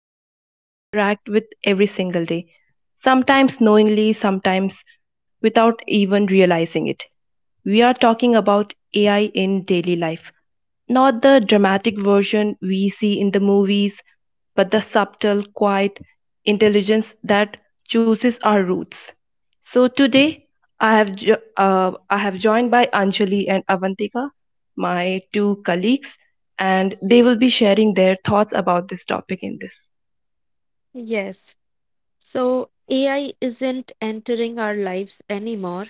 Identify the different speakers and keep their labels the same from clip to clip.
Speaker 1: something we interact with every single day, sometimes knowingly, sometimes without even realizing it. We are talking about AI in daily life, not the dramatic version we see in the movies but the subtle, quiet intelligence that chooses our roots. So today, I have joined by Anjali and Avantika, my two colleagues, and they will be sharing their thoughts about this topic in this.
Speaker 2: Yes. So AI isn't entering our lives anymore.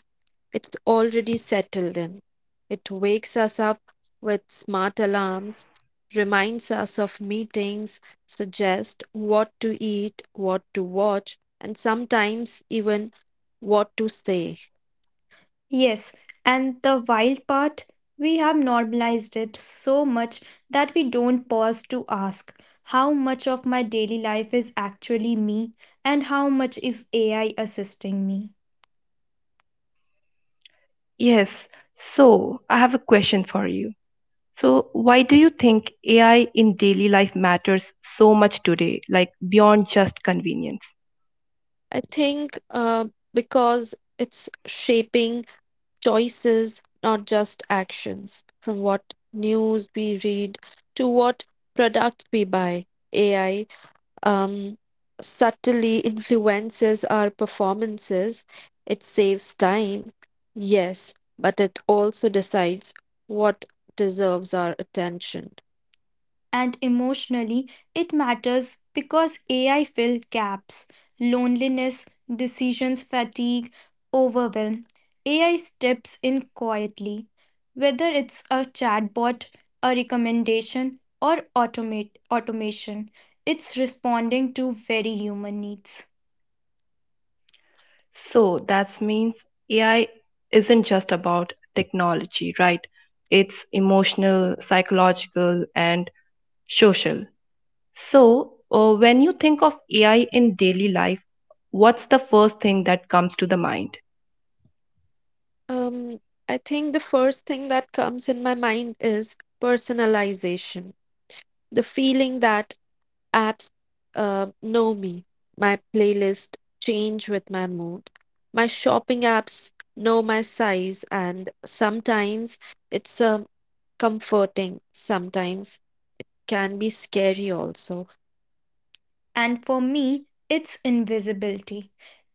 Speaker 2: It's already settled in. It wakes us up with smart alarms, reminds us of meetings, suggests what to eat, what to watch, and sometimes even what to say.
Speaker 3: Yes, and the wild part, we have normalized it so much that we don't pause to ask how much of my daily life is actually me and how much is AI assisting me.
Speaker 1: Yes. So, I have a question for you. So, why do you think AI in daily life matters so much today, like beyond just convenience?
Speaker 2: I think because it's shaping choices, not just actions. From what news we read to what products we buy, AI um, subtly influences our performances. It saves time, yes, but it also decides what deserves our attention.
Speaker 3: And emotionally it matters because AI fill gaps, loneliness, decisions fatigue, overwhelm. AI steps in quietly, whether it's a chatbot, a recommendation, or automate automation. It's responding to very human needs.
Speaker 1: So that means AI isn't just about technology, right? It's emotional, psychological, and social. So, when you think of AI in daily life, what's the first thing that comes to the mind?
Speaker 2: Um, I think the first thing that comes in my mind is personalization. The feeling that Apps know me. My playlist change with my mood. My shopping apps know my size, and sometimes it's comforting, sometimes can be scary also.
Speaker 3: And for me, it's invisibility.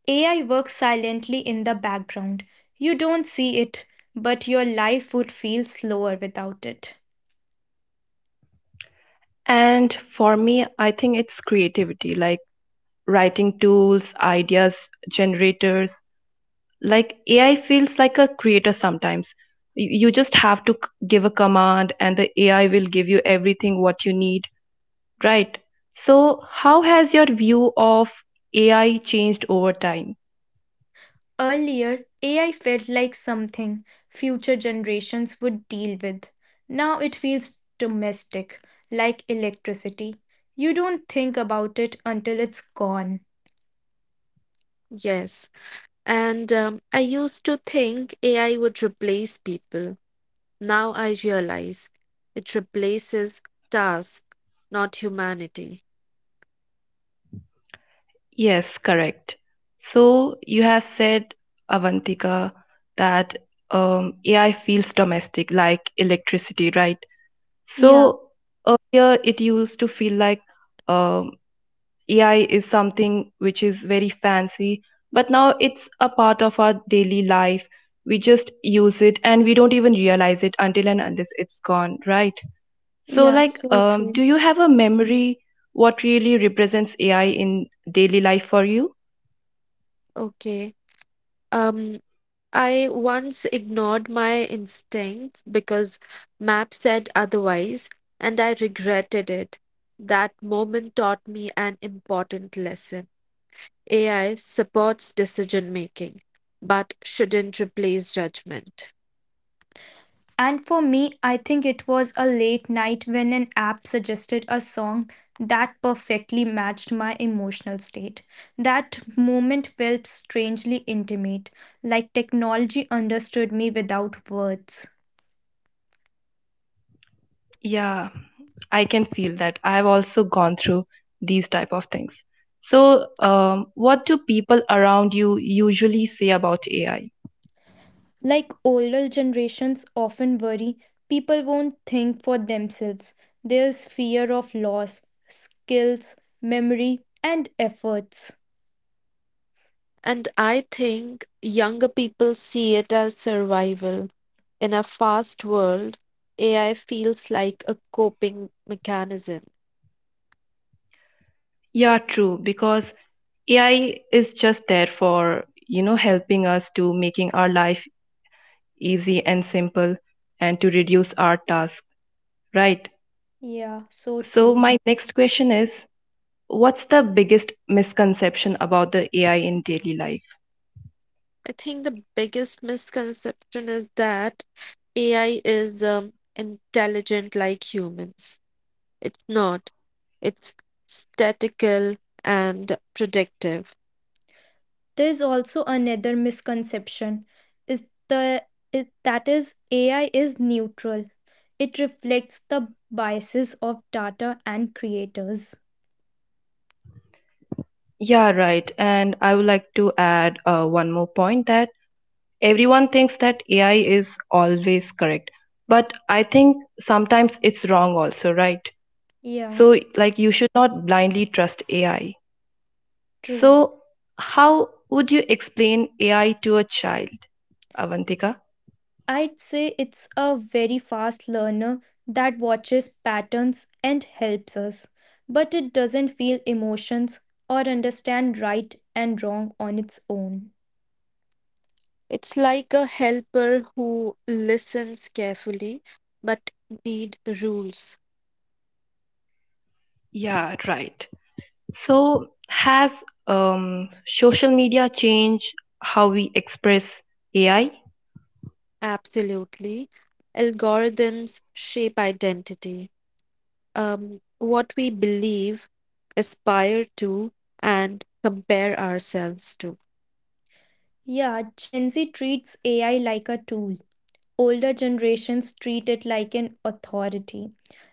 Speaker 3: AI works silently in the background. You don't see it, but your life would feel slower without it.
Speaker 1: And for me, I think it's creativity, like writing tools, ideas, generators. Like AI feels like a creator sometimes. You just have to give a command, and the AI will give you everything what you need. Right. So, how has your view of AI changed over time?
Speaker 3: Earlier, AI felt like something future generations would deal with. Now it feels domestic, like electricity. You don't think about it until it's gone.
Speaker 2: Yes. And I used to think AI would replace people. Now I realize it replaces task, not humanity.
Speaker 1: Yes, correct. So, you have said, Avantika, that AI feels domestic, like electricity, right?
Speaker 3: Yeah,
Speaker 1: So, earlier it used to feel like um, AI is something which is very fancy, but now it's a part of our daily life. We just use it and we don't even realize it until and unless it's gone, right? So,
Speaker 3: yeah,
Speaker 1: like,
Speaker 3: so true.
Speaker 1: do you have a memory what really represents AI in daily life for you?
Speaker 2: Okay. Um, I once ignored my instincts because map said otherwise, and I regretted it. That moment taught me an important lesson. AI supports decision making, but shouldn't replace judgment.
Speaker 3: And for me, I think it was a late night when an app suggested a song that perfectly matched my emotional state. That moment felt strangely intimate, like technology understood me without words.
Speaker 1: Yeah, I can feel that. I've also gone through these type of things. So, what do people around you usually say about AI?
Speaker 3: Like older generations often worry, people won't think for themselves. There's fear of loss, skills, memory, and efforts.
Speaker 2: And I think younger people see it as survival. In a fast world, AI feels like a coping mechanism.
Speaker 1: Yeah, true, because AI is just there for, you know, helping us to making our life easy and simple and to reduce our task, right?
Speaker 3: Yeah, so
Speaker 1: So
Speaker 3: true.
Speaker 1: my next question is, what's the biggest misconception about the AI in daily life?
Speaker 2: I think the biggest misconception is that AI is intelligent like humans. It's not, it's statical and predictive.
Speaker 3: There's also another misconception is that is AI is neutral. It reflects the biases of data and creators.
Speaker 1: Yeah, right. And I would like to add one more point that everyone thinks that AI is always correct. But I think sometimes it's wrong also, right?
Speaker 3: Yeah,
Speaker 1: So, like, you should not blindly trust AI.
Speaker 3: true.
Speaker 1: So, how would you explain AI to a child, Avantika?
Speaker 3: I'd say it's a very fast learner that watches patterns and helps us, but it doesn't feel emotions or understand right and wrong on its own.
Speaker 2: It's like a helper who listens carefully but need rules.
Speaker 1: Yeah, right. So, has social media changed how we express AI?
Speaker 2: Absolutely. Algorithms shape identity. What we believe, aspire to, and compare ourselves to.
Speaker 3: Yeah, Gen Z treats AI like a tool. Older generations treat it like an authority.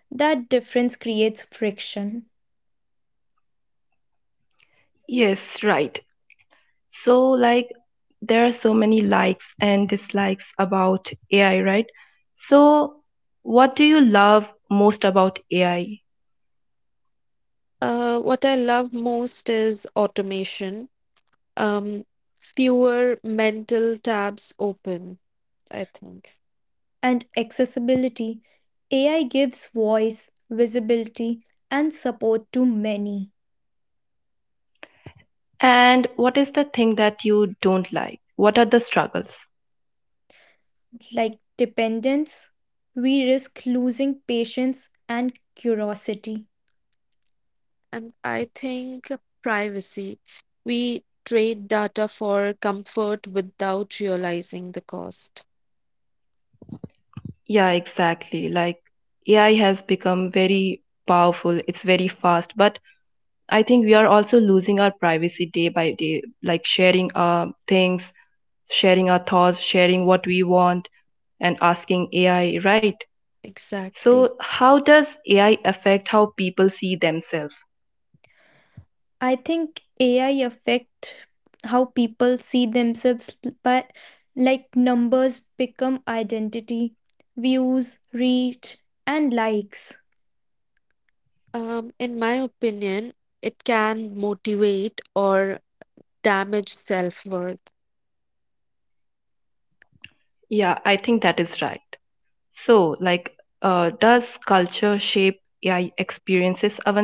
Speaker 3: That difference creates friction
Speaker 1: Yes, right. So, like, there are so many likes and dislikes about AI, right? So, what do you love most about AI?
Speaker 2: What I love most is automation. Um, Fewer mental tabs open, I think.
Speaker 3: and accessibility. AI gives voice, visibility, and support to many.
Speaker 1: And what is the thing that you don't like? What are the struggles?
Speaker 3: Like dependence, we risk losing patience and curiosity.
Speaker 2: And I think privacy. We trade data for comfort without realizing the cost.
Speaker 1: Yeah, exactly. Like AI has become very powerful, it's very fast, but I think we are also losing our privacy day by day, like sharing our things, sharing our thoughts, sharing what we want, and asking AI, right?
Speaker 2: Exactly.
Speaker 1: So, how does AI affect how people see themselves?
Speaker 3: I think AI affect how people see themselves by like numbers become identity, views, reach and likes.
Speaker 2: In my opinion, it can motivate or damage self-worth.
Speaker 1: Yeah, I think that is right. So, like, does culture shape AI experiences, Avantika?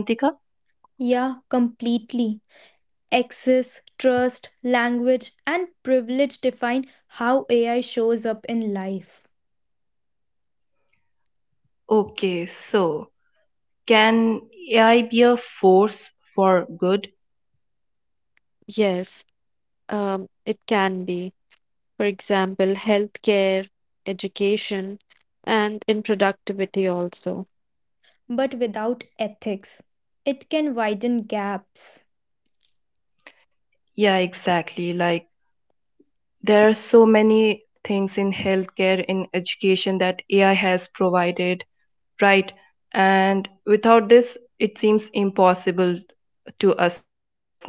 Speaker 3: Yeah, completely. Access, trust, language and privilege define how AI shows up in life.
Speaker 1: Okay, so can AI be a force for good?
Speaker 2: Yes, it can be. For example, healthcare, education, and in productivity also.
Speaker 3: But without ethics, it can widen gaps.
Speaker 1: Yeah, exactly. Like there are so many things in healthcare, in education that AI has provided, right? And without this, it seems impossible to us now. Like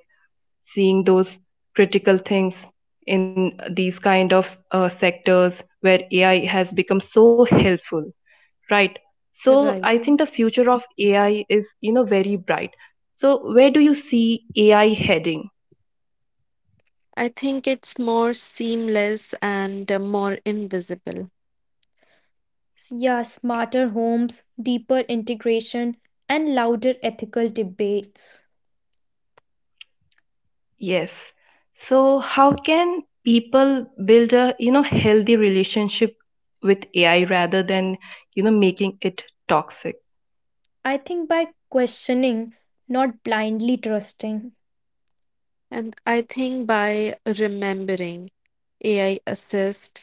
Speaker 1: seeing those critical things in these kind of sectors where AI has become so helpful. Right. So I think the
Speaker 2: Right.
Speaker 1: future of AI is, you know, very bright. So where do you see AI heading?
Speaker 2: I think it's more seamless and more invisible.
Speaker 3: Yeah, smarter homes, deeper integration, and louder ethical debates.
Speaker 1: Yes. So how can people build a, you know, healthy relationship with AI rather than, you know, making it toxic?
Speaker 3: I think by questioning, not blindly trusting.
Speaker 2: And I think by remembering AI assist,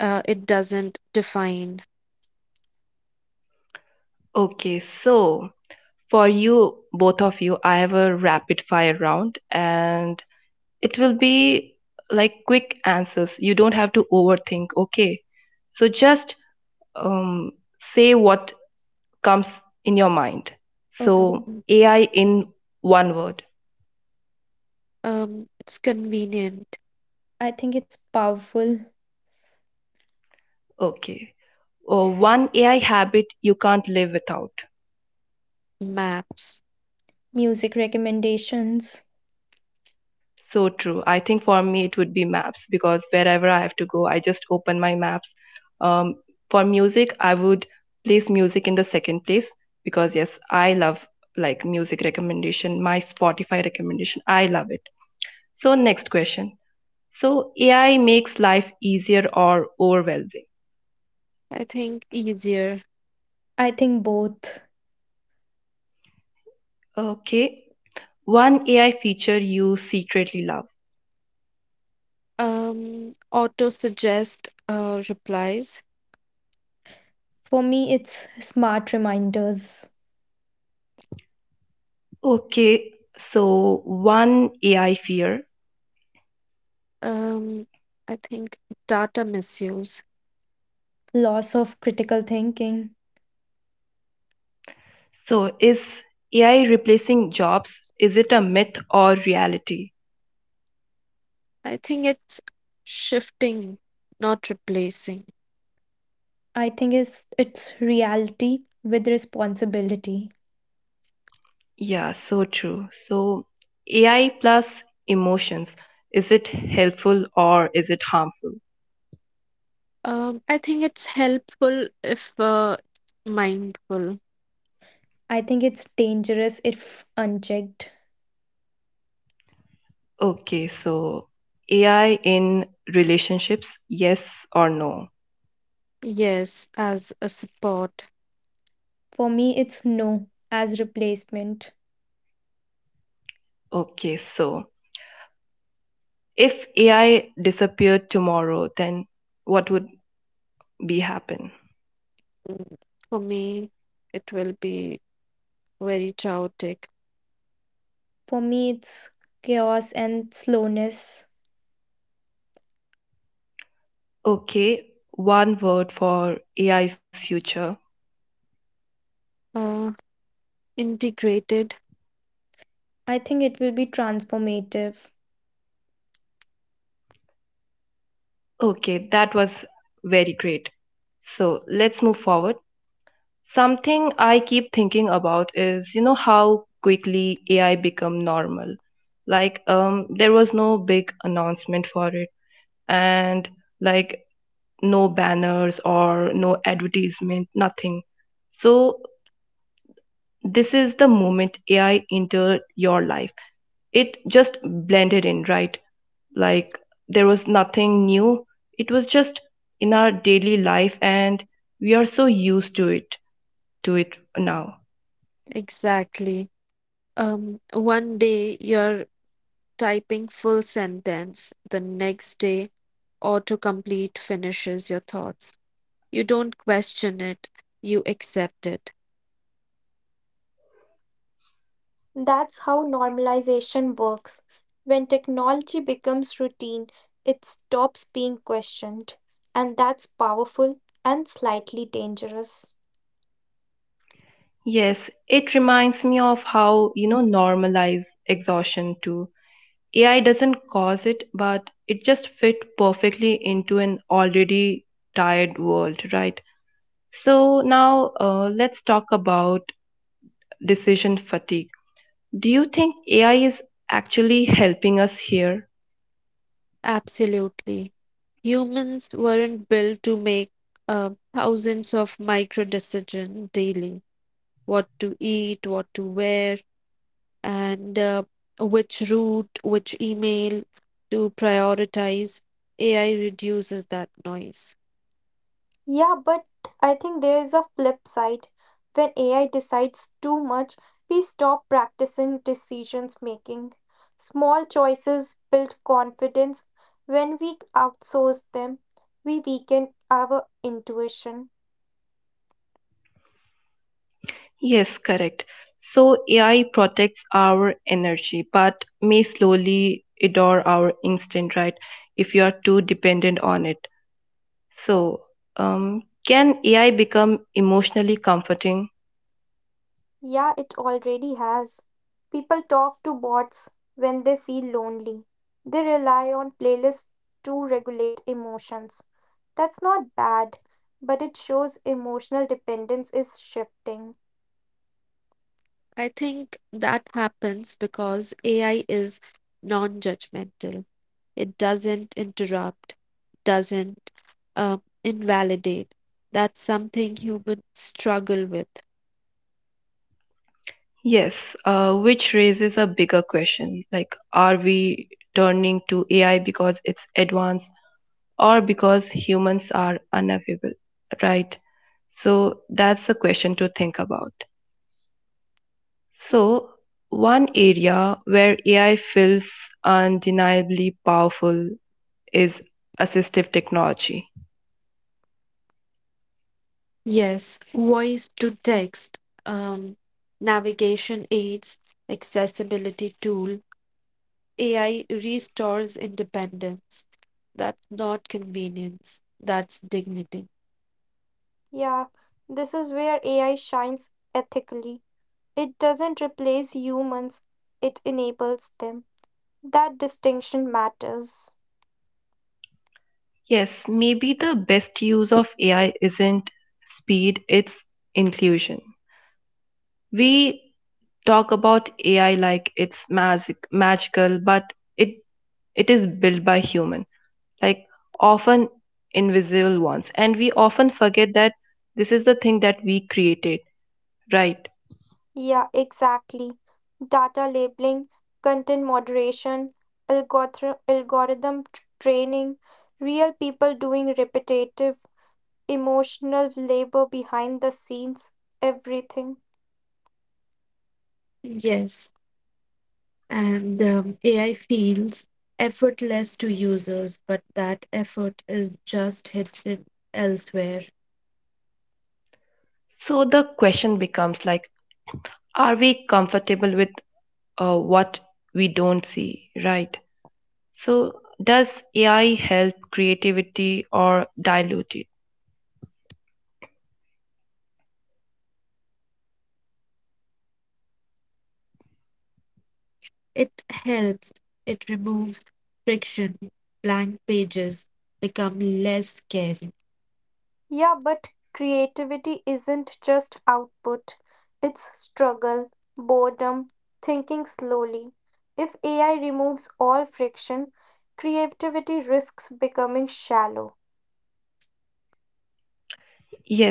Speaker 2: it doesn't define.
Speaker 1: Okay, so for you, both of you, I have a rapid fire round and it will be like quick answers. You don't have to overthink, okay? So just um, say what comes in your mind.
Speaker 3: Okay,
Speaker 1: So,
Speaker 2: Mhm.
Speaker 1: AI in one word.
Speaker 2: It's convenient.
Speaker 3: I think it's powerful.
Speaker 1: Okay. Oh, one AI habit you can't live without.
Speaker 2: Maps,
Speaker 3: Music recommendations.
Speaker 1: So true. I think for me it would be maps because wherever I have to go, I just open my maps. Um, for music, I would place music in the second place because yes, I love like music recommendation, my Spotify recommendation. I love it. So next question. So AI makes life easier or overwhelming?
Speaker 2: I think easier.
Speaker 3: I think both.
Speaker 1: Okay, one AI feature you secretly love.
Speaker 2: Auto suggest replies.
Speaker 3: For me, it's smart reminders,
Speaker 1: Okay, so one AI fear.
Speaker 2: Um, I think data misuse.
Speaker 3: loss of critical thinking.
Speaker 1: So, is AI replacing jobs? Is it a myth or reality?
Speaker 2: I think it's shifting, not replacing.
Speaker 3: I think it's reality with responsibility.
Speaker 1: Yeah, so true. So, AI plus emotions, is it helpful or is it harmful?
Speaker 2: I think it's helpful if it's mindful.
Speaker 3: I think it's dangerous if unchecked.
Speaker 1: Okay, so AI in relationships, yes or no?
Speaker 2: Yes, as a support.
Speaker 3: For me, it's no as replacement.
Speaker 1: Okay, so if AI disappeared tomorrow, then what would be happen.
Speaker 2: Mm, for me, it will be very chaotic.
Speaker 3: For me, it's chaos and slowness.
Speaker 1: Okay, one word for AI's future.
Speaker 2: Uh, Integrated,
Speaker 3: I think it will be transformative.
Speaker 1: Okay, that was very great. So let's move forward. Something I keep thinking about is, you know, how quickly AI become normal. Like, there was no big announcement for it, and like no banners or no advertisement, nothing. So this is the moment AI entered your life. It just blended in, right? Like there was nothing new, it was just in our daily life and we are so used to it now.
Speaker 2: exactly. One day you're typing full sentence, the next day autocomplete finishes your thoughts. You don't question it, you accept it.
Speaker 3: That's how normalization works. When technology becomes routine, it stops being questioned. And that's powerful and slightly dangerous.
Speaker 1: Yes, it reminds me of how, you know, normalize exhaustion too. AI doesn't cause it but it just fit perfectly into an already tired world, right? So now let's talk about decision fatigue. Do you think AI is actually helping us here?
Speaker 2: Absolutely. Humans weren't built to make thousands of micro decisions daily. What to eat, what to wear, and which route, which email to prioritize. AI reduces that noise.
Speaker 3: Yeah, but I think there is a flip side. When AI decides too much, we stop practicing decisions making. Small choices build confidence. When we outsource them, we weaken our intuition.
Speaker 1: Yes, correct. So AI protects our energy, but may slowly adore our instinct, right? If you are too dependent on it. So, can AI become emotionally comforting?
Speaker 3: Yeah, it already has. People talk to bots when they feel lonely. They rely on playlists to regulate emotions. That's not bad, but it shows emotional dependence is shifting.
Speaker 2: I think that happens because AI is non judgmental, it doesn't interrupt, doesn't invalidate. That's something humans struggle with.
Speaker 1: Yes, which raises a bigger question. Like, are we turning to AI because it's advanced or because humans are unavailable, right? So, that's a question to think about. So, one area where AI feels undeniably powerful is assistive technology.
Speaker 2: Yes, voice to text, um, navigation aids, accessibility tool, AI restores independence. That's not convenience, that's dignity.
Speaker 3: Yeah, this is where AI shines ethically. It doesn't replace humans, it enables them. That distinction matters.
Speaker 1: Yes, maybe the best use of AI isn't speed, it's inclusion. We talk about AI like it's magic, magical, but it is built by human, like often invisible ones, and we often forget that this is the thing that we created, right?
Speaker 3: Yeah, exactly. Data labeling, content moderation, training, real people doing repetitive, emotional labor behind the scenes, everything.
Speaker 2: Yes, and AI feels effortless to users, but that effort is just hidden elsewhere.
Speaker 1: So the question becomes like are we comfortable with what we don't see, right? So does AI help creativity or dilute it?
Speaker 2: It helps, it removes friction, blank pages become less scary,
Speaker 3: Yeah, but creativity isn't just output, it's struggle, boredom, thinking slowly. If AI removes all friction, creativity risks becoming shallow.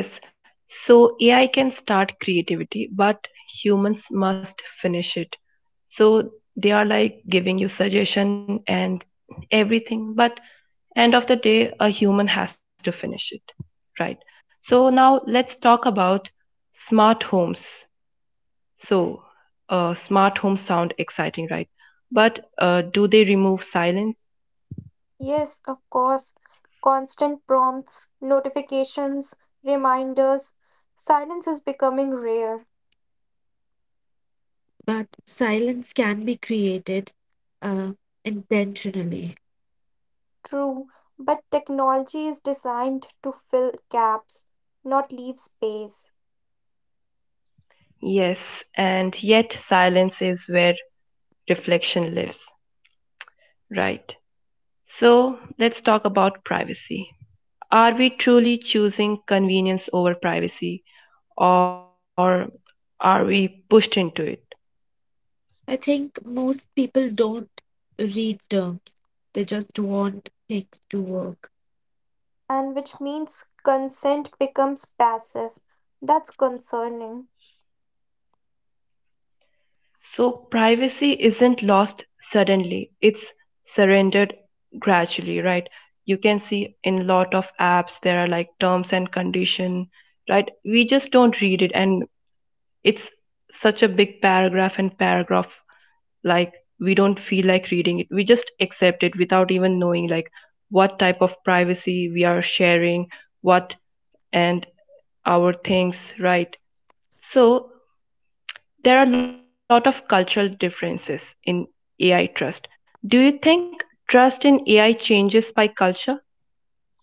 Speaker 1: Yes. So AI can start creativity but humans must finish it. So they are like giving you suggestion and everything but end of the day a human has to finish it, right? So now let's talk about smart homes. So, smart homes sound exciting, right? But do they remove silence?
Speaker 3: Yes, of course, constant prompts, notifications, reminders, silence is becoming rare.
Speaker 2: but silence can be created uh, intentionally.
Speaker 3: True, but technology is designed to fill gaps, not leave space.
Speaker 1: Yes, and yet silence is where reflection lives, right? So, let's talk about privacy. Are we truly choosing convenience over privacy, or are we pushed into it?
Speaker 2: I think most people don't read terms, they just want things to work.
Speaker 3: And which means consent becomes passive. That's concerning.
Speaker 1: So, privacy isn't lost suddenly, it's surrendered gradually, right? You can see in a lot of apps there are like terms and condition, right? We just don't read it, and it's such a big paragraph and paragraph like we don't feel like reading it. We just accept it without even knowing like what type of privacy we are sharing, what and our things, right? So, there are a lot of cultural differences in AI trust. Do you think trust in AI changes by culture?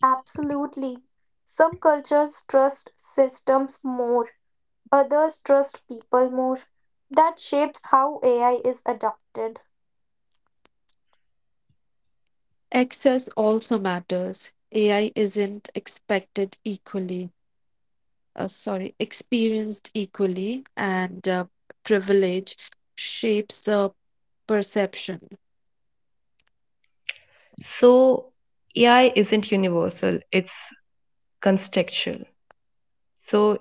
Speaker 3: Absolutely. Some cultures trust systems more, others trust people more. That shapes how AI is adopted.
Speaker 2: Access also matters. AI isn't expected equally, sorry, experienced equally, and privilege shapes perception.
Speaker 1: So, AI isn't universal, it's contextual. So,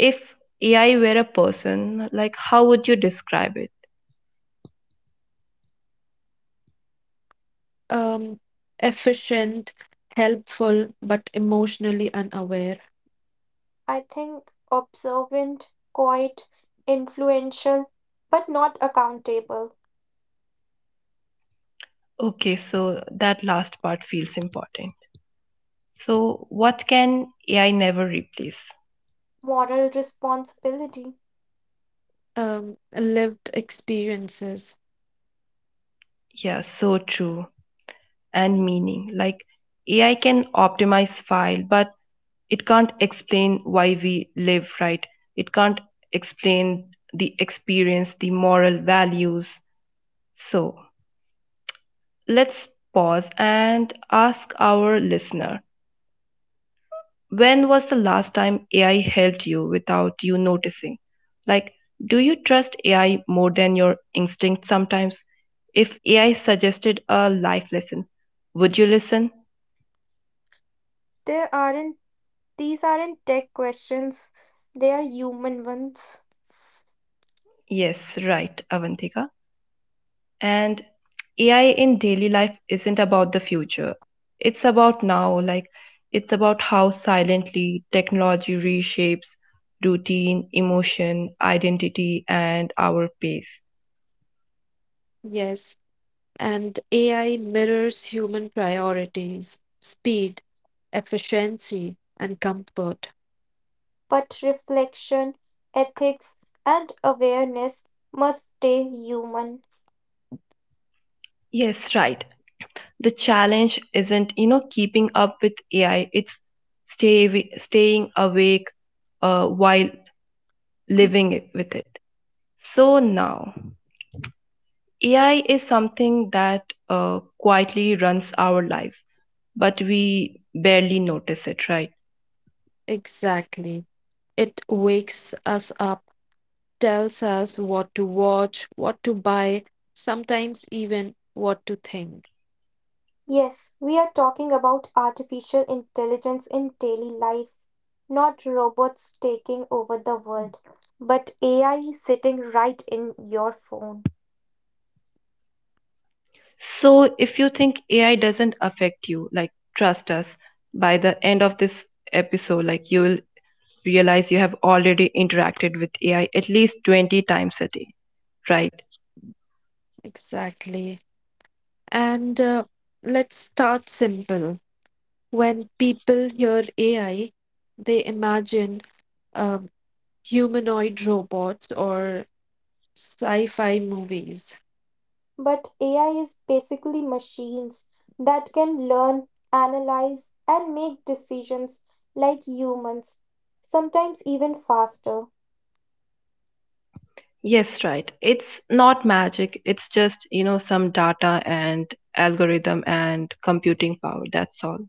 Speaker 1: if AI were a person, like how would you describe it?
Speaker 2: Um, efficient, helpful, but emotionally unaware.
Speaker 3: I think observant, quiet, influential, but not accountable.
Speaker 1: Okay, so that last part feels important. So, what can AI never replace?
Speaker 3: Moral responsibility.
Speaker 2: Lived experiences,
Speaker 1: Yeah, so true. And meaning. Like, AI can optimize file, but it can't explain why we live, right? It can't explain the experience, the moral values. So, let's pause and ask our listener. When was the last time AI helped you without you noticing? Like, do you trust AI more than your instinct sometimes? If AI suggested a life lesson, would you listen?
Speaker 3: There aren't These aren't tech questions, they are human ones.
Speaker 1: Yes, right, Avantika. And AI in daily life isn't about the future, it's about now. Like, it's about how silently technology reshapes routine, emotion, identity, and our pace.
Speaker 2: yes. And AI mirrors human priorities, speed, efficiency, and comfort.
Speaker 3: But reflection, ethics, and awareness must stay human.
Speaker 1: Yes, right. The challenge isn't, you know, keeping up with AI, it's staying awake while with it. So now AI is something that quietly runs our lives but we barely notice it, right?
Speaker 2: Exactly. It wakes us up, tells us what to watch, what to buy, sometimes even what to think.
Speaker 3: Yes, we are talking about artificial intelligence in daily life, not robots taking over the world, but AI sitting right in your phone.
Speaker 1: So if you think AI doesn't affect you, like trust us, by the end of this episode like you will realize you have already interacted with AI at least 20 times a day, right?
Speaker 2: Exactly. And let's start simple. When people hear AI, they imagine um, humanoid robots or sci fi movies.
Speaker 3: But AI is basically machines that can learn, analyze, and make decisions like humans, sometimes even faster.
Speaker 1: Yes, right. It's not magic. It's just, you know, some data and algorithm and computing power. That's all.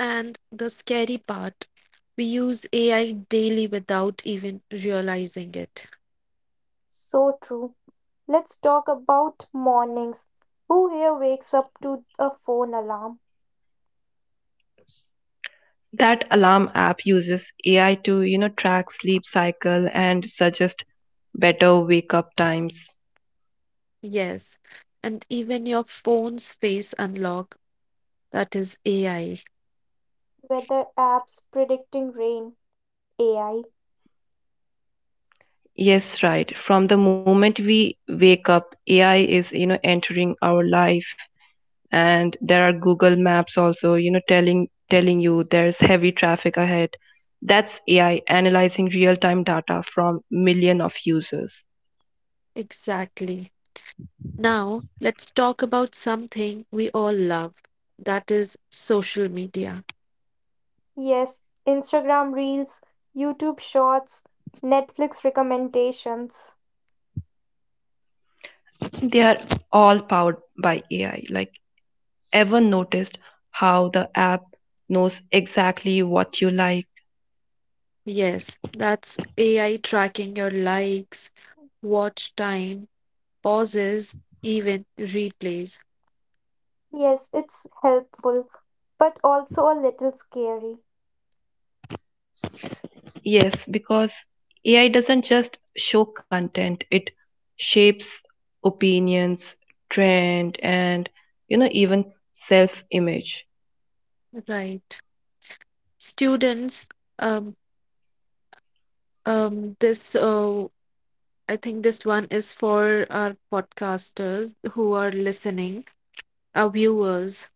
Speaker 2: And the scary part, we use AI daily without even realizing it.
Speaker 3: So true. Let's talk about mornings. Who here wakes up to a phone alarm?
Speaker 1: That alarm app uses AI to, you know, track sleep cycle and suggest better wake up times.
Speaker 2: Yes, and even your phone's face unlock, that is AI.
Speaker 3: Weather apps predicting rain, AI.
Speaker 1: Yes, right. From the moment we wake up, AI is, you know, entering our life and there are Google maps also, you know, telling you there's heavy traffic ahead. That's AI analyzing real time data from million of users.
Speaker 2: Exactly. Now, let's talk about something we all love, that is social media.
Speaker 3: Yes, Instagram reels, YouTube shorts, Netflix recommendations.
Speaker 1: They are all powered by AI. Like ever noticed how the app knows exactly what you like?
Speaker 2: Yes, that's AI tracking your likes, watch time, pauses, even replays.
Speaker 3: Yes, it's helpful, but also a little scary.
Speaker 1: Yes, because AI doesn't just show content, it shapes opinions, trend, and, you know, even self image.
Speaker 2: Right. Students, um, um, this, uh, I think this one is for our podcasters who are listening, our viewers,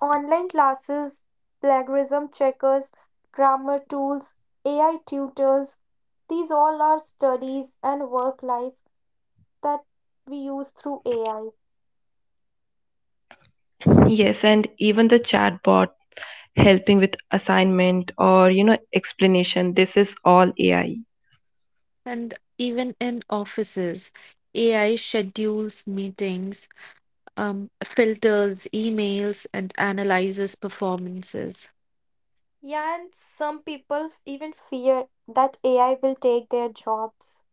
Speaker 3: Online classes, plagiarism checkers, grammar tools, AI tutors, these all are studies and work life that we use through AI.
Speaker 1: Yes, and even the chatbot helping with assignment or, you know, explanation, this is all AI.
Speaker 2: and even in offices. AI schedules meetings, filters emails, and analyzes performances.
Speaker 3: Yeah, and some people even fear that AI will take their jobs.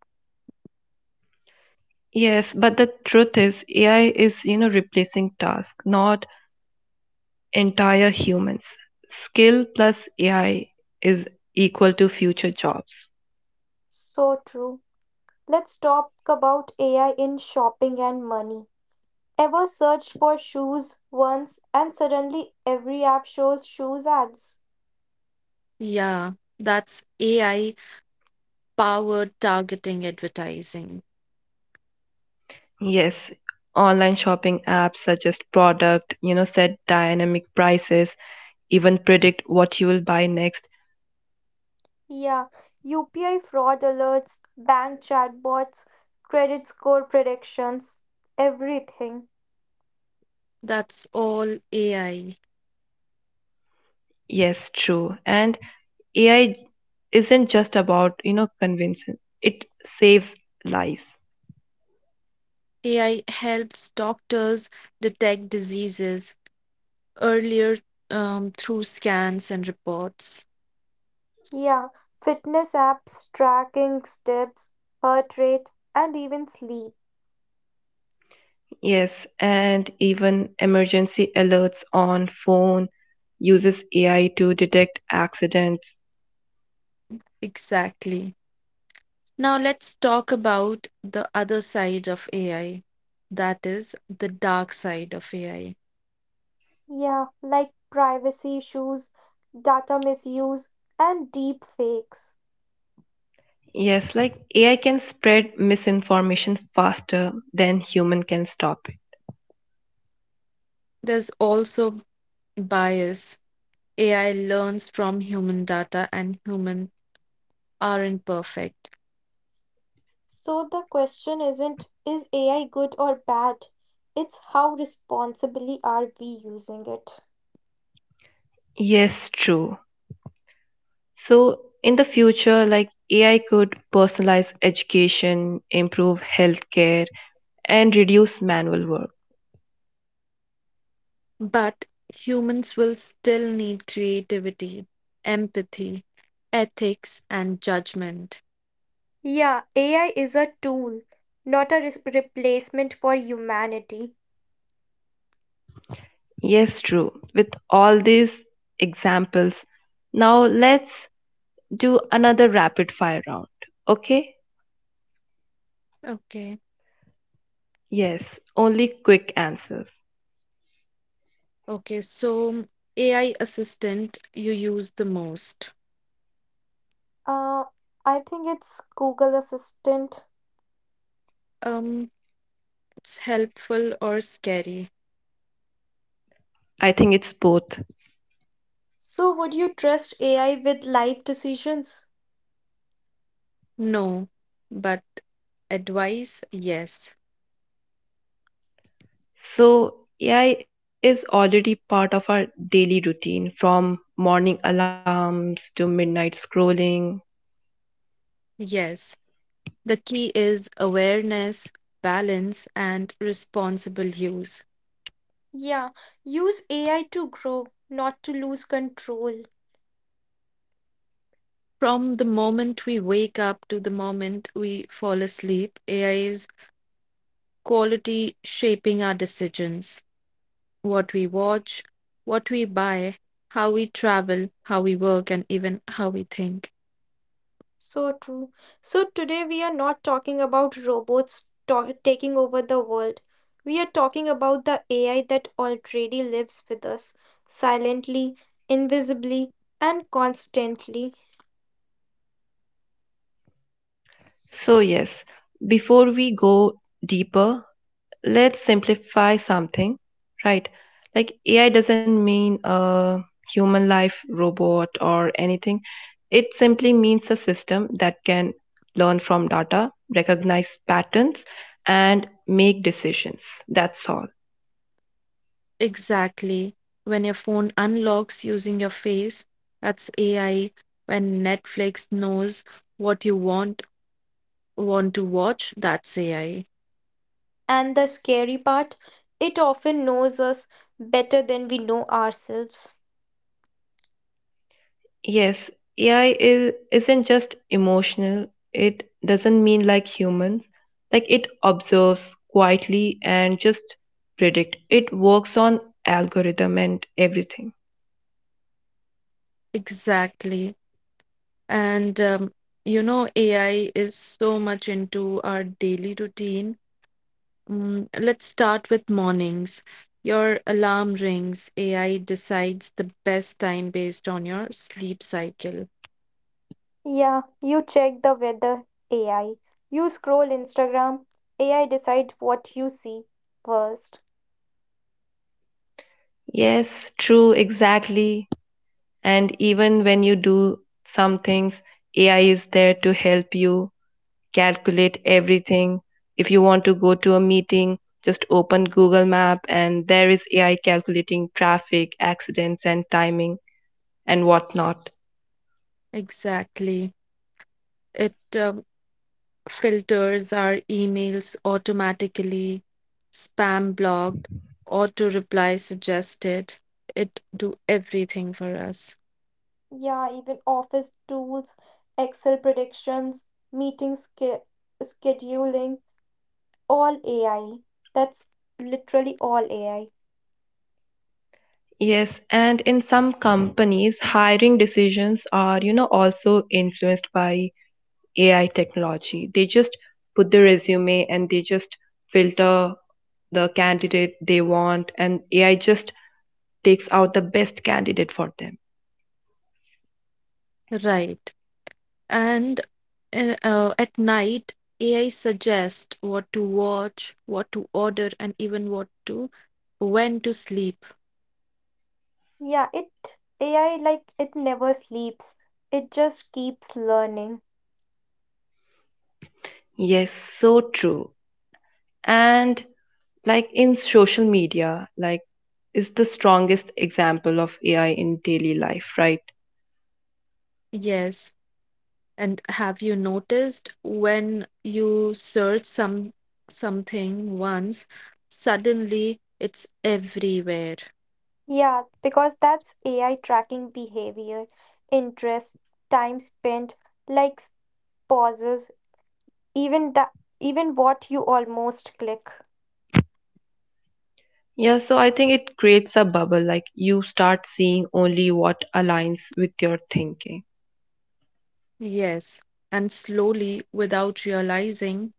Speaker 1: Yes, but the truth is AI is, you know, replacing task, not entire humans. Skill plus AI is equal to future jobs.
Speaker 3: So true. Let's talk about AI in shopping and money. Ever searched for shoes once and suddenly every app shows shoes ads?
Speaker 2: Yeah. That's AI Power targeting advertising.
Speaker 1: Yes, online shopping apps suggest product, you know, set dynamic prices, even predict what you will buy next.
Speaker 3: Yeah, UPI fraud alerts, bank chatbots, credit score predictions, everything.
Speaker 2: That's all AI.
Speaker 1: Yes, true. And AI isn't just about, you know, convincing. It saves lives.
Speaker 2: AI helps doctors detect diseases earlier through scans and reports.
Speaker 3: Yeah, fitness apps tracking steps, heart rate, and even sleep.
Speaker 1: Yes, and even emergency alerts on phone uses AI to detect accidents.
Speaker 2: Exactly. Now let's talk about the other side of AI. That is the dark side of AI.
Speaker 3: Yeah, like privacy issues, data misuse, and deep fakes.
Speaker 1: Yes, like AI can spread misinformation faster than human can stop it.
Speaker 2: There's also bias. AI learns from human data, and human aren't perfect.
Speaker 3: So the question isn't is AI good or bad? It's how responsibly are we using it?
Speaker 1: Yes, true. So in the future, like AI could personalize education, improve healthcare, and reduce manual work.
Speaker 2: But humans will still need creativity, empathy, ethics, and judgment.
Speaker 3: Yeah, AI is a tool, not a replacement for humanity.
Speaker 1: Yes, true. With all these examples, now let's do another rapid fire round. Okay?
Speaker 2: Okay.
Speaker 1: Yes, only quick answers.
Speaker 2: Okay. So, AI assistant you use the most.
Speaker 3: Uh, I think it's Google Assistant.
Speaker 2: Um, it's helpful or scary?
Speaker 1: I think it's both.
Speaker 3: So, would you trust AI with life decisions?
Speaker 2: No. But advice? Yes.
Speaker 1: So, AI is already part of our daily routine from morning alarms to midnight scrolling.
Speaker 2: Yes. The key is awareness, balance, and responsible use.
Speaker 3: Yeah, use AI to grow, not to lose control.
Speaker 2: From the moment we wake up to the moment we fall asleep, AI is quality shaping our decisions, what we watch, what we buy, how we travel, how we work, and even how we think.
Speaker 3: So true. So, today we are not talking about robots taking over the world. We are talking about the AI that already lives with us, silently, invisibly, and constantly.
Speaker 1: So, yes, before we go deeper, let's simplify something, right? Like AI doesn't mean a human life robot or anything. It simply means a system that can learn from data, recognize patterns, and make decisions. That's all.
Speaker 2: Exactly. When your phone unlocks using your face, that's AI. When Netflix knows what you want to watch, that's AI.
Speaker 3: And the scary part, it often knows us better than we know ourselves.
Speaker 1: Yes, AI isn't just emotional, it doesn't mean like humans. Like it observes quietly and just predict. It works on algorithm and everything.
Speaker 2: Exactly. And you know, AI is so much into our daily routine. Mm, let's start with mornings. Your alarm rings. AI decides the best time based on your sleep cycle.
Speaker 3: Yeah, you check the weather, AI. You scroll Instagram, AI decide what you see first.
Speaker 1: Yes, true, exactly. And even when you do some things, AI is there to help you calculate everything. If you want to go to a meeting, just open Google Map and there is AI calculating traffic, accidents, and timing and whatnot.
Speaker 2: Exactly. It filters our emails automatically, spam blocked, auto reply suggested. It do everything for us.
Speaker 3: Yeah, even office tools, Excel predictions, meeting scheduling, all AI. That's literally all AI.
Speaker 1: Yes, and in some companies, hiring decisions are, you know, also influenced by AI technology. They just put the resume and they just filter the candidate they want, and AI just takes out the best candidate for them.
Speaker 2: Right. And at night, AI suggests what to watch, what to order, and even what to when to sleep.
Speaker 3: Yeah, it AI like it never sleeps. It just keeps learning.
Speaker 1: Yes, so true. And like in social media like is the strongest example of AI in daily life, right?
Speaker 2: Yes. And have you noticed when you search something once, suddenly it's everywhere.
Speaker 3: Yeah, because that's AI tracking behavior, interest, time spent, likes, pauses even that, even what you almost click.
Speaker 1: Yeah, so I think it creates a bubble, like you start seeing only what aligns with your thinking.
Speaker 2: Yes. And slowly, without realizing,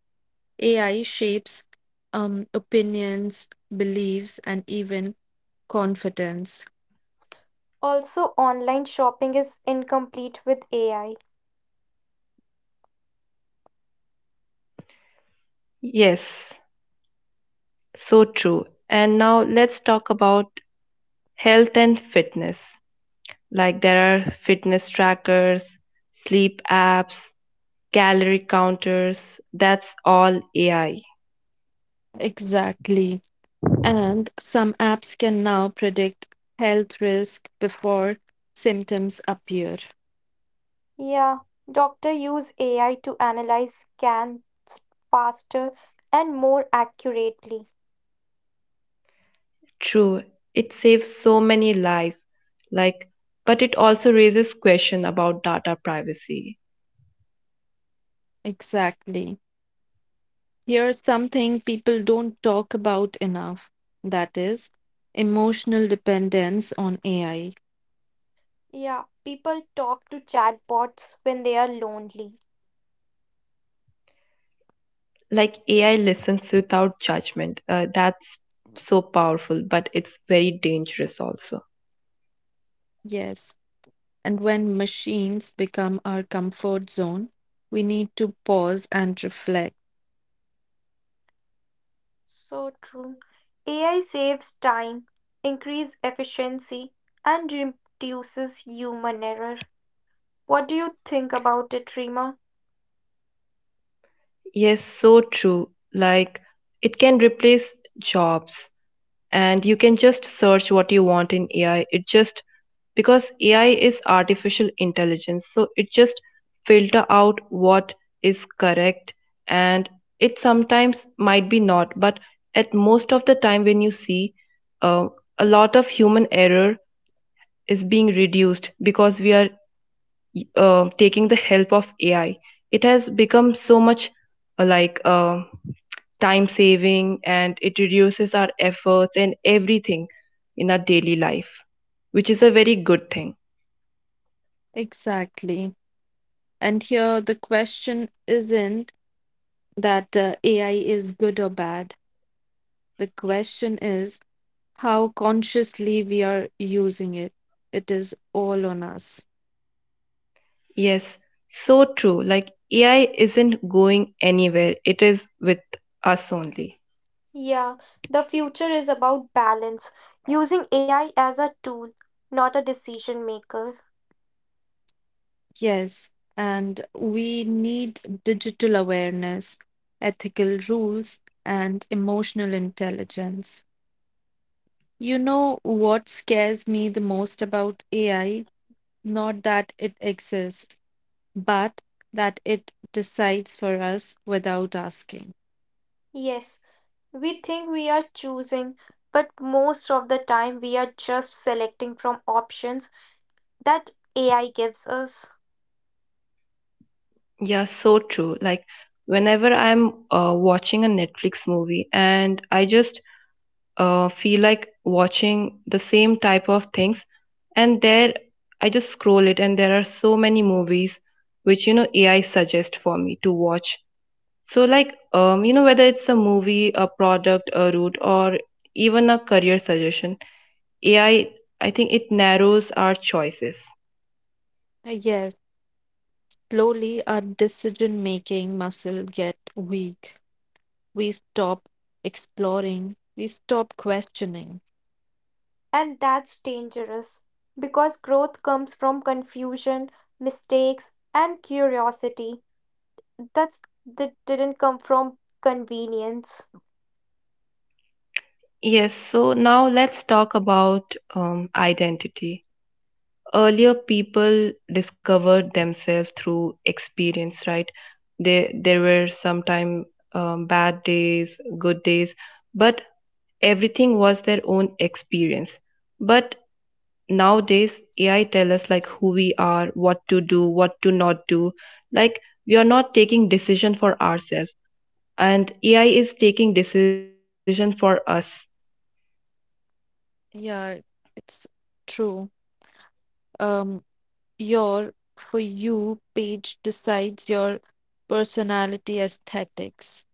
Speaker 2: AI shapes opinions, beliefs, and even confidence.
Speaker 3: Also, online shopping is incomplete with AI.
Speaker 1: Yes, so true. And now let's talk about health and fitness. Like there are fitness trackers, sleep apps, calorie counters. That's all AI.
Speaker 2: Exactly. And some apps can now predict health risk before symptoms appear.
Speaker 3: Yeah, doctor use AI to analyze scans faster and more accurately.
Speaker 1: True, it saves so many lives, like, but it also raises question about data privacy.
Speaker 2: Exactly. Here's something people don't talk about enough, that is, emotional dependence on AI.
Speaker 3: Yeah, people talk to chatbots when they are lonely.
Speaker 1: Like AI listens without judgment. That's so powerful, but it's very dangerous also.
Speaker 2: Yes. And when machines become our comfort zone, we need to pause and reflect.
Speaker 3: So true. AI saves time, increase efficiency, and reduces human error. What do you think about it, Rima?
Speaker 1: Yes, so true. Like it can replace jobs and you can just search what you want in AI. It just, because AI is artificial intelligence, so it just filter out what is correct, and it sometimes might be not, but at most of the time when you see uh, a lot of human error is being reduced because we are taking the help of AI. It has become so much uh, like uh, time saving, and it reduces our efforts and everything in our daily life, which is a very good thing.
Speaker 2: Exactly. And here the question isn't that AI is good or bad. The question is, how consciously we are using it. It is all on us.
Speaker 1: Yes, so true. Like AI isn't going anywhere, it is with us only.
Speaker 3: Yeah, the future is about balance, using AI as a tool, not a decision maker.
Speaker 2: Yes, and we need digital awareness, ethical rules, and emotional intelligence. You know what scares me the most about AI? Not that it exists, but that it decides for us without asking.
Speaker 3: Yes, we think we are choosing, but most of the time we are just selecting from options that AI gives us.
Speaker 1: Yeah, so true. Like whenever I'm watching a Netflix movie and I just feel like watching the same type of things, and there I just scroll it and there are so many movies which, you know, AI suggests for me to watch. So like, you know, whether it's a movie, a product, a route, or even a career suggestion, AI, I think it narrows our choices.
Speaker 2: Yes, slowly our decision making muscle get weak. We stop exploring, we stop questioning.
Speaker 3: And that's dangerous because growth comes from confusion, mistakes, and curiosity. That's that didn't come from convenience.
Speaker 1: Yes, so now let's talk about identity. Earlier people discovered themselves through experience, right? There were sometime, bad days, good days, but everything was their own experience. But nowadays AI tell us like who we are, what to do, what to not do. Like we are not taking decision for ourselves and AI is taking decision for us.
Speaker 2: Yeah, it's true. Um, your for you page decides your personality aesthetics.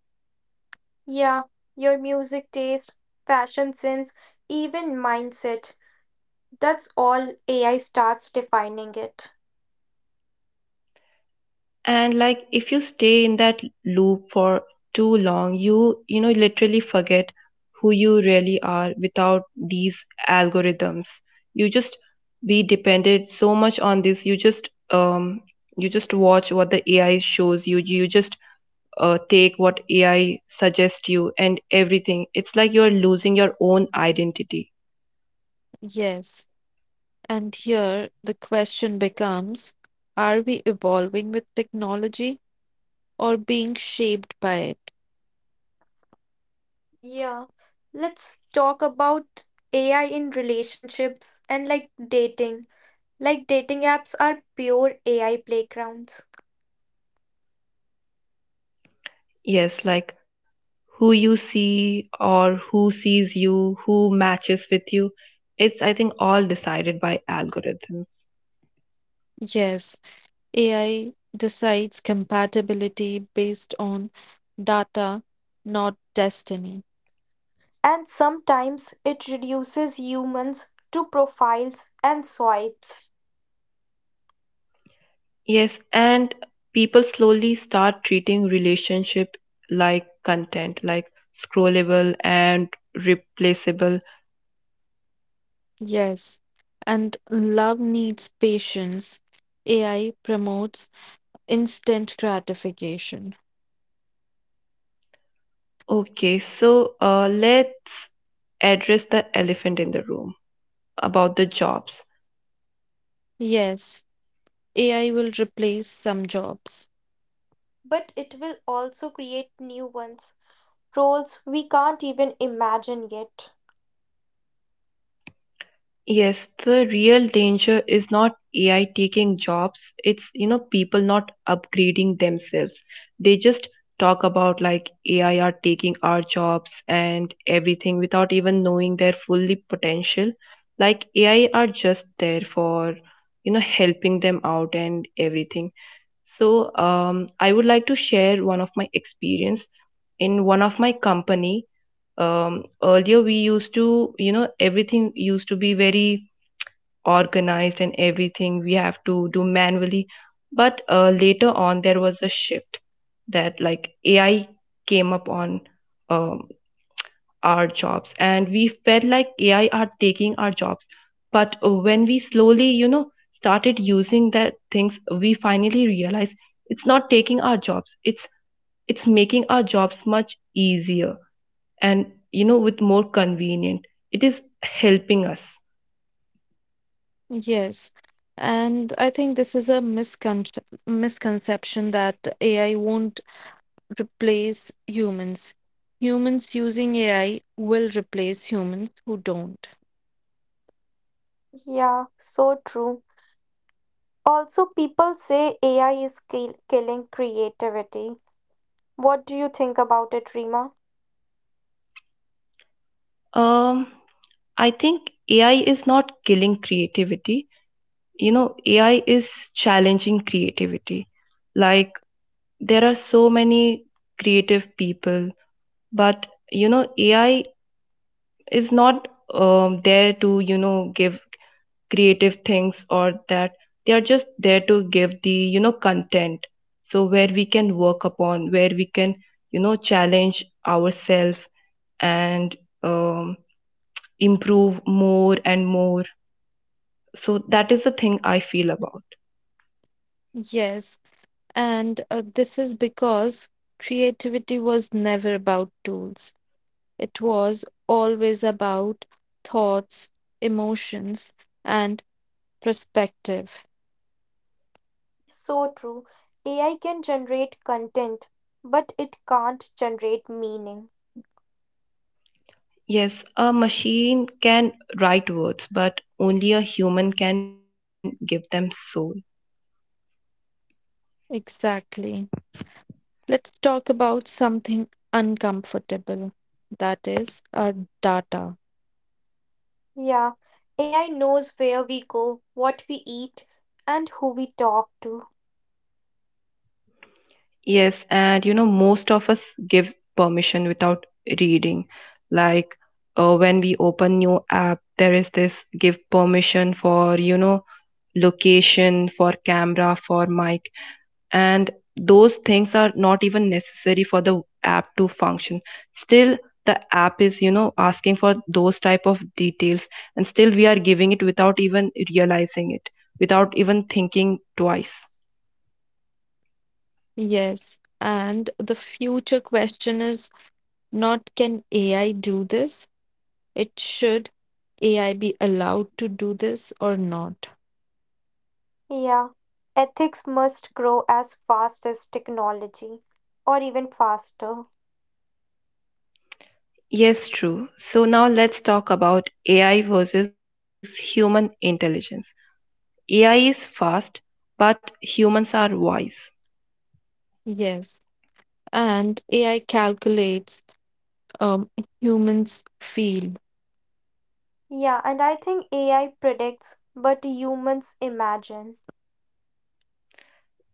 Speaker 3: Yeah, your music taste, fashion sense, even mindset. That's all AI starts defining it.
Speaker 1: And like if you stay in that loop for too long, you know, literally forget who you really are without these algorithms. You just be dependent so much on this. You just you just watch what the AI shows you. You just take what AI suggests you and everything. It's like you're losing your own identity.
Speaker 2: Yes. And here the question becomes, are we evolving with technology or being shaped by it?
Speaker 3: Yeah. Let's talk about AI in relationships and like dating. Like dating apps are pure AI playgrounds.
Speaker 1: Yes, like who you see or who sees you, who matches with you. It's, I think, all decided by algorithms.
Speaker 2: Yes, AI decides compatibility based on data, not destiny.
Speaker 3: And sometimes it reduces humans to profiles and swipes.
Speaker 1: Yes, and people slowly start treating relationship like content, like scrollable and replaceable.
Speaker 2: Yes, and love needs patience. AI promotes instant gratification.
Speaker 1: Okay, so let's address the elephant in the room about the jobs.
Speaker 2: Yes, AI will replace some jobs.
Speaker 3: But it will also create new ones, roles we can't even imagine yet.
Speaker 1: Yes, the real danger is not AI taking jobs. It's, you know, people not upgrading themselves. They just talk about like AI are taking our jobs and everything without even knowing their fully potential. Like AI are just there for, you know, helping them out and everything. So, I would like to share one of my experience in one of my company. Earlier we used to, you know, everything used to be very organized and everything we have to do manually, but later on there was a shift that like AI came up on um, our jobs and we felt like AI are taking our jobs. But when we slowly, you know, started using that things, we finally realized it's not taking our jobs, it's making our jobs much easier and, you know, with more convenient, it is helping us.
Speaker 2: Yes, and I think this is a misconception that AI won't replace humans. Humans using AI will replace humans who don't.
Speaker 3: Yeah, so true. Also, people say AI is killing creativity. What do you think about it, Rima?
Speaker 1: um I think AI is not killing creativity. You know, AI is challenging creativity. Like, there are so many creative people, but, you know, AI is not there to, you know, give creative things or that. They are just there to give the, you know, content. So, where we can work upon, where we can, you know, challenge ourselves and um, improve more and more. So that is the thing I feel about.
Speaker 2: Yes, and this is because creativity was never about tools. It was always about thoughts, emotions, and perspective.
Speaker 3: So true. AI can generate content, but it can't generate meaning.
Speaker 1: Yes, a machine can write words, but only a human can give them soul.
Speaker 2: Exactly. Let's talk about something uncomfortable, that is, our data.
Speaker 3: Yeah, AI knows where we go, what we eat, and who we talk to.
Speaker 1: Yes, and you know, most of us give permission without reading. Like when we open new app, there is this give permission for, you know, location, for camera, for mic. And those things are not even necessary for the app to function. Still the app is, you know, asking for those type of details, and still we are giving it without even realizing it, without even thinking twice.
Speaker 2: Yes. And the future question is not, can AI do this? It should AI be allowed to do this or not?
Speaker 3: Yeah, ethics must grow as fast as technology, or even faster.
Speaker 1: Yes, true. So now let's talk about AI versus human intelligence. AI is fast but humans are wise.
Speaker 2: Yes. And AI calculates, um, humans feel.
Speaker 3: Yeah, and I think AI predicts, but humans imagine.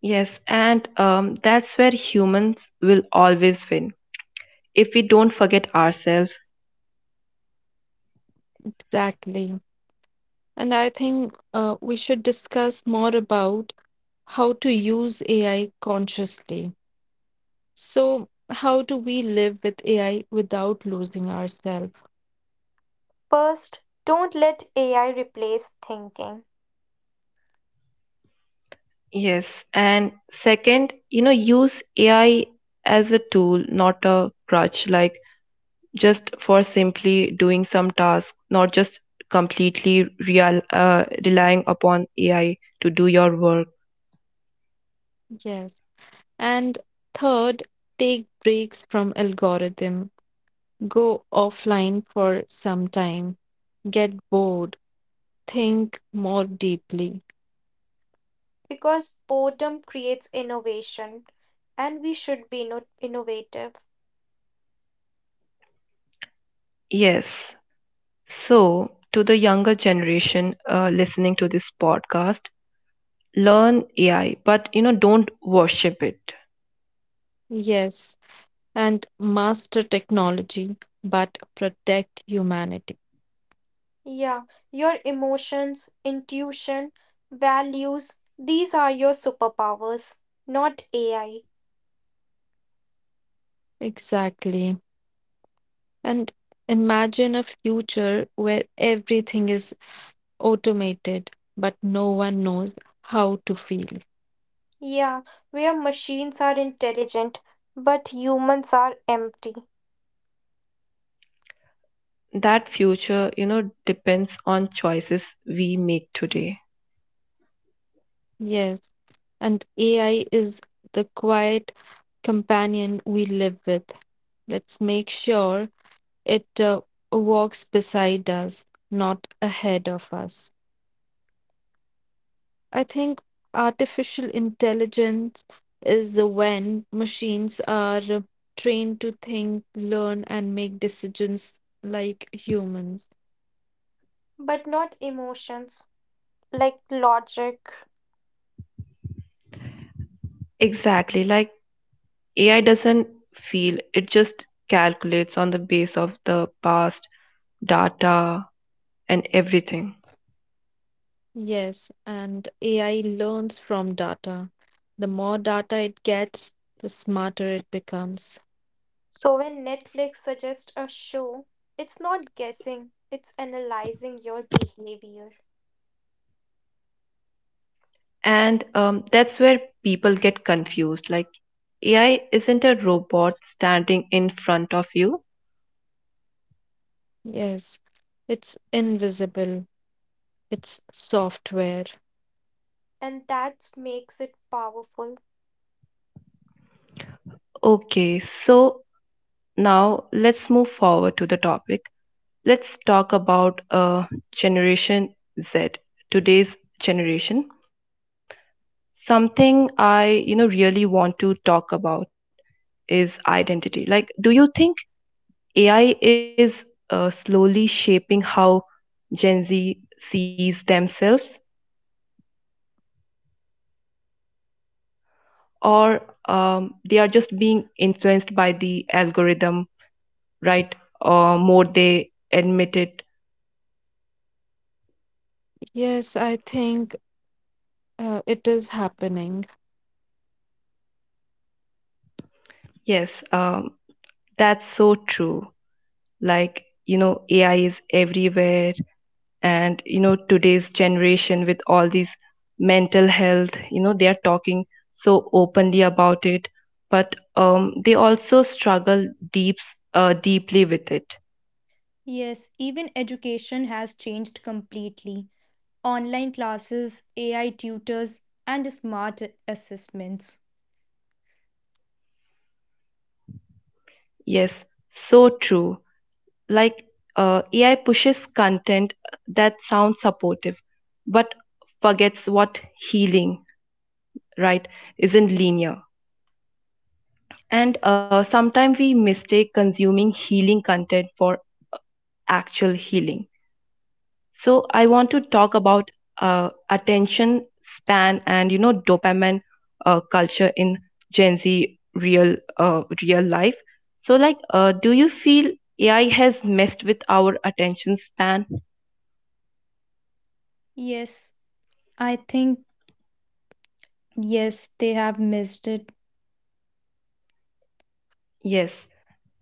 Speaker 1: Yes, and that's where humans will always win if we don't forget ourselves.
Speaker 2: Exactly. And I think we should discuss more about how to use AI consciously. So, how do we live with AI without losing ourselves?
Speaker 3: First, don't let AI replace thinking
Speaker 1: Yes. And second, you know, use AI as a tool, not a crutch, like just for simply doing some task, not just completely real, relying upon AI to do your work.
Speaker 2: Yes. And third, take breaks from algorithm. Go offline for some time. Get bored. Think more deeply.
Speaker 3: because boredom creates innovation and we should be innovative.
Speaker 1: Yes. So, to the younger generation listening to this podcast, learn AI, but you know, don't worship it.
Speaker 2: Yes. And master technology, but protect humanity.
Speaker 3: Yeah, your emotions, intuition, values, these are your superpowers, not AI.
Speaker 2: Exactly. And imagine a future where everything is automated, but no one knows how to feel.
Speaker 3: Yeah, where machines are intelligent but humans are empty,
Speaker 1: That future, you know, depends on choices we make today.
Speaker 2: Yes. And AI is the quiet companion we live with. Let's make sure it walks beside us, not ahead of us. I think artificial intelligence is when machines are trained to think, learn, and make decisions like humans.
Speaker 3: but not emotions like logic.
Speaker 1: Exactly. Like AI doesn't feel, it just calculates on the base of the past data and everything.
Speaker 2: Yes, and AI learns from data. The more data it gets, the smarter it becomes.
Speaker 3: So when Netflix suggests a show, it's not guessing, it's analyzing your behavior.
Speaker 1: And that's where people get confused. Like, AI isn't a robot standing in front of you.
Speaker 2: Yes, it's invisible, it's software.
Speaker 3: And that makes it powerful.
Speaker 1: Okay, so now let's move forward to the topic. Let's talk about Generation Z, today's generation. Something I, you know, really want to talk about is identity. Like, do you think AI is slowly shaping how Gen Z sees themselves? Or they are just being influenced by the algorithm, right? Or more they admit it.
Speaker 2: Yes, I think it is happening.
Speaker 1: Yes, that's so true. Like, you know, AI is everywhere, and you know, today's generation with all these mental health, you know, they are talking so openly about it, but they also struggle deeply with it.
Speaker 3: Yes, even education has changed completely. Online classes, AI tutors, and smart assessments.
Speaker 1: Yes, so true. Like AI pushes content that sounds supportive but forgets what healing, right, isn't linear. And sometimes we mistake consuming healing content for actual healing. So I want to talk about attention span and, you know, dopamine culture in Gen Z real life. So like, do you feel AI has messed with our attention span?
Speaker 3: Yes, I think, yes, they have missed it.
Speaker 1: Yes.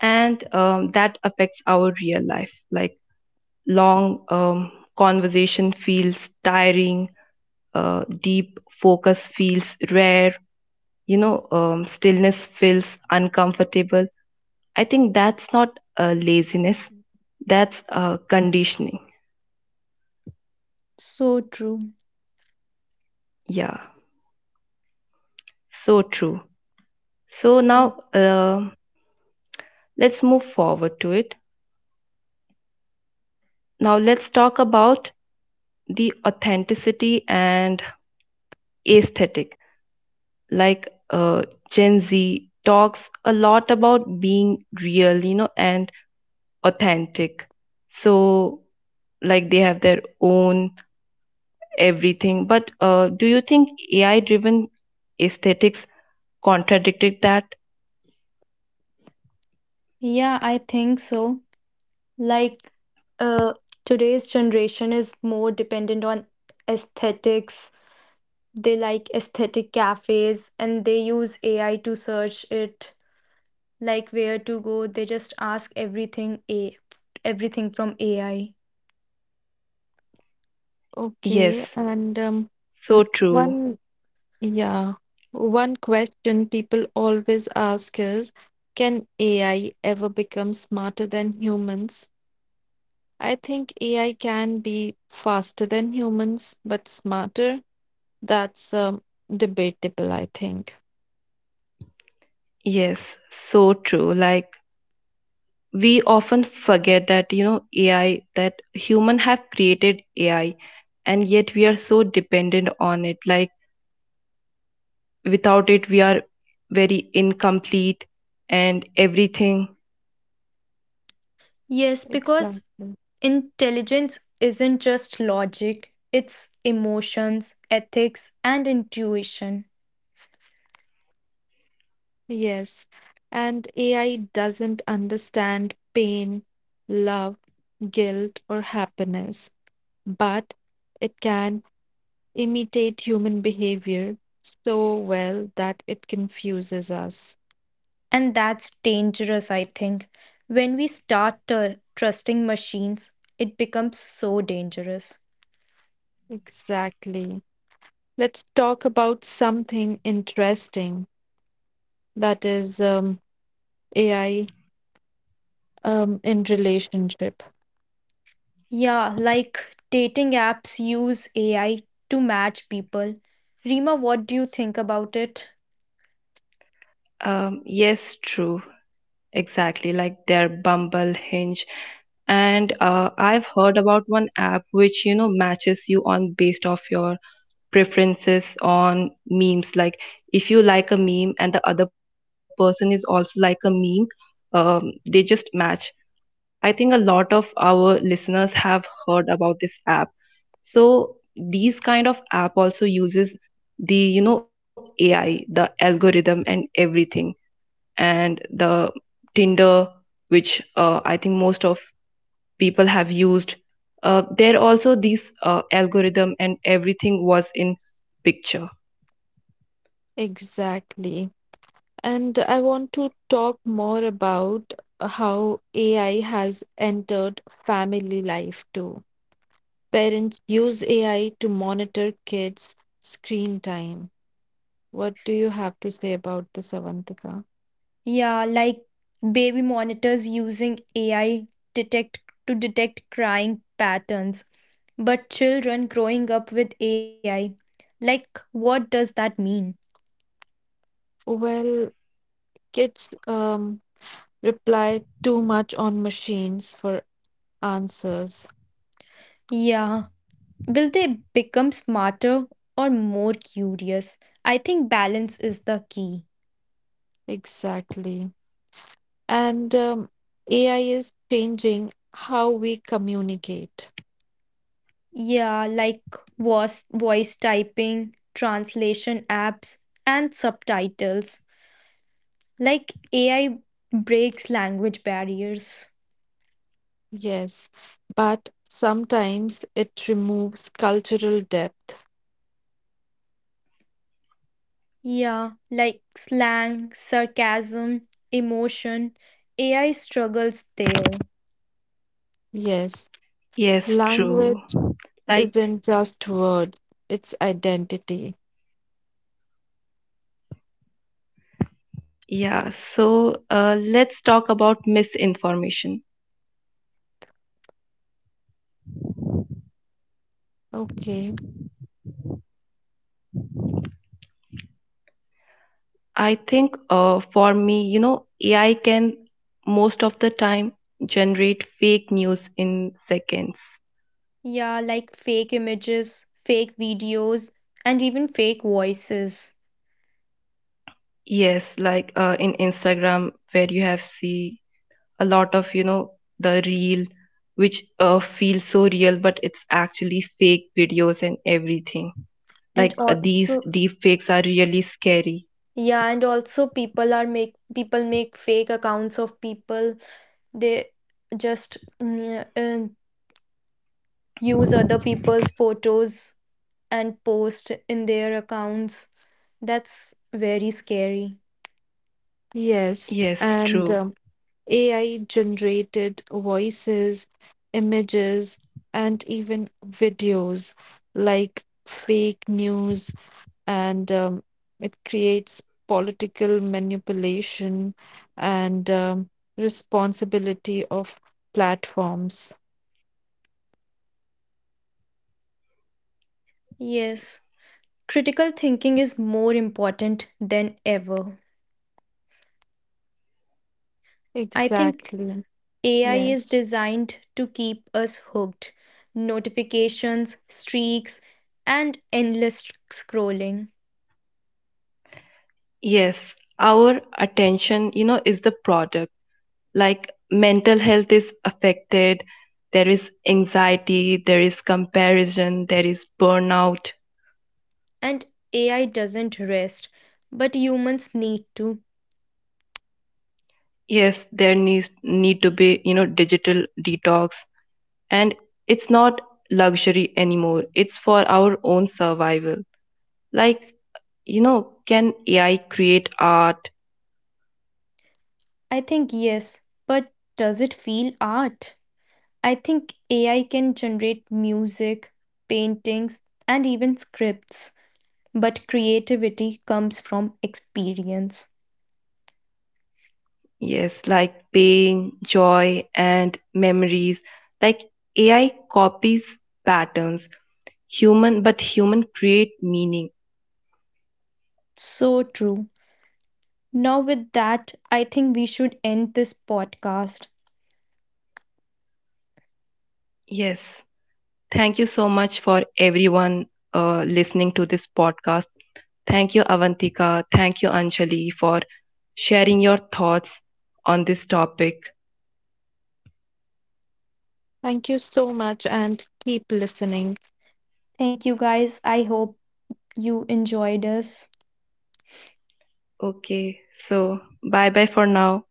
Speaker 1: And that affects our real life, like long conversation feels tiring, deep focus feels rare, you know, stillness feels uncomfortable. I think that's not laziness, that's conditioning.
Speaker 3: So true.
Speaker 1: Yeah, so true. So now
Speaker 2: O-
Speaker 1: let's move forward to it. Now let's talk about the authenticity and aesthetic. Like Gen Z talks a lot about being real, you know, and authentic. So, like they have their own everything. But do you think AI driven aesthetics contradicted that?
Speaker 3: Yeah, I think so. Like, uh, today's generation is more dependent on aesthetics. They like aesthetic cafes and they use AI to search it, like where to go. They just ask everything a everything from AI.
Speaker 2: Okay,
Speaker 1: Yes,
Speaker 2: and
Speaker 1: so true.
Speaker 2: one yeah. One question people always ask is, can AI ever become smarter than humans? I think AI can be faster than humans, but smarter, that's debatable, I think.
Speaker 1: Yes, so true. Like we often forget that, you know, AI, that human have created AI, and yet we are so dependent on it. Like without it we are very incomplete and everything.
Speaker 3: Yes, because
Speaker 2: Exactly.
Speaker 3: intelligence isn't just logic, it's emotions, ethics, and intuition.
Speaker 2: Yes. And AI doesn't understand pain, love, guilt, or happiness, but it can imitate human behavior so well that it confuses us.
Speaker 3: And that's dangerous, I think. When we start trusting machines, it becomes so dangerous.
Speaker 2: Exactly. Let's talk about something interesting, that is AI in relationship.
Speaker 3: Yeah, like dating apps use AI to match people. Rima, what do you think about it?
Speaker 1: Yes, true, exactly. Like their Bumble, Hinge, and I've heard about one app which, you know, matches you on based off your preferences on memes. Like if you like a meme and the other person is also like a meme, they just match. I think a lot of our listeners have heard about this app. So these kind of app also uses the, you know, AI, the algorithm and everything. And the Tinder, which I think most of people have used, there also these algorithm and everything was in picture.
Speaker 2: Exactly. And I want to talk more about how AI has entered family life too. Parents use AI to monitor kids' screen time. What do you have to say about this, Avantika?
Speaker 3: Yeah, like baby monitors using AI detect detect crying patterns. But children growing up with AI, like what does that mean?
Speaker 2: Well, kids rely too much on machines for answers.
Speaker 3: Yeah, will they become smarter or more curious? I think balance is the key.
Speaker 2: Exactly. And AI is changing how we communicate.
Speaker 3: Yeah, like voice typing, translation apps, and subtitles. Like AI breaks language barriers.
Speaker 2: Yes. But sometimes it removes cultural depth.
Speaker 3: Yeah, like slang, sarcasm, emotion. AI struggles there.
Speaker 2: Yes.
Speaker 1: Yes,
Speaker 2: Language
Speaker 1: true. Like,
Speaker 2: isn't just words, it's identity.
Speaker 1: yeah, so let's talk about misinformation.
Speaker 2: Okay.
Speaker 1: I think for me, you know, AI can most of the time generate fake news in seconds.
Speaker 3: Yeah, like fake images, fake videos, and even fake voices.
Speaker 1: Yes, like in Instagram, where you have see a lot of, you know, the real, which feels so real, but it's actually fake videos and everything.
Speaker 3: And
Speaker 1: Like these
Speaker 3: also,
Speaker 1: deep fakes are really scary.
Speaker 3: yeah, and also people are make people make fake accounts of people. They just use other people's photos and post in their accounts. That's very scary.
Speaker 2: Yes.
Speaker 1: Yes,
Speaker 2: And
Speaker 1: true.
Speaker 2: AI generated voices, images, and even videos like fake news, and it creates political manipulation and responsibility of platforms.
Speaker 3: Yes, critical thinking is more important than ever. I think
Speaker 2: Exactly.
Speaker 3: AI is
Speaker 2: Yes.
Speaker 3: designed to keep us hooked. Notifications, streaks, and endless scrolling.
Speaker 1: Yes, our attention, you know, is the product. Like mental health is affected, there is anxiety, there is comparison, there is burnout.
Speaker 3: And AI doesn't rest, but humans need to.
Speaker 1: Yes, there needs need to be, you know, digital detox, and it's not luxury anymore. It's for our own survival. Like, you know, can AI create art?
Speaker 3: I think yes, but does it feel art? I think AI can generate music, paintings, and even scripts, but creativity comes from experience.
Speaker 1: Yes, like pain, joy and memories. Like AI copies patterns human, but human create meaning.
Speaker 3: So true. Now, with that, I think we should end this podcast.
Speaker 1: Yes, thank you so much for everyone listening to this podcast. Thank you Avantika, thank you Anjali, for sharing your thoughts on this topic.
Speaker 2: Thank you so much and keep listening.
Speaker 3: Thank you guys. I hope you enjoyed us.
Speaker 1: Okay, so bye bye for now.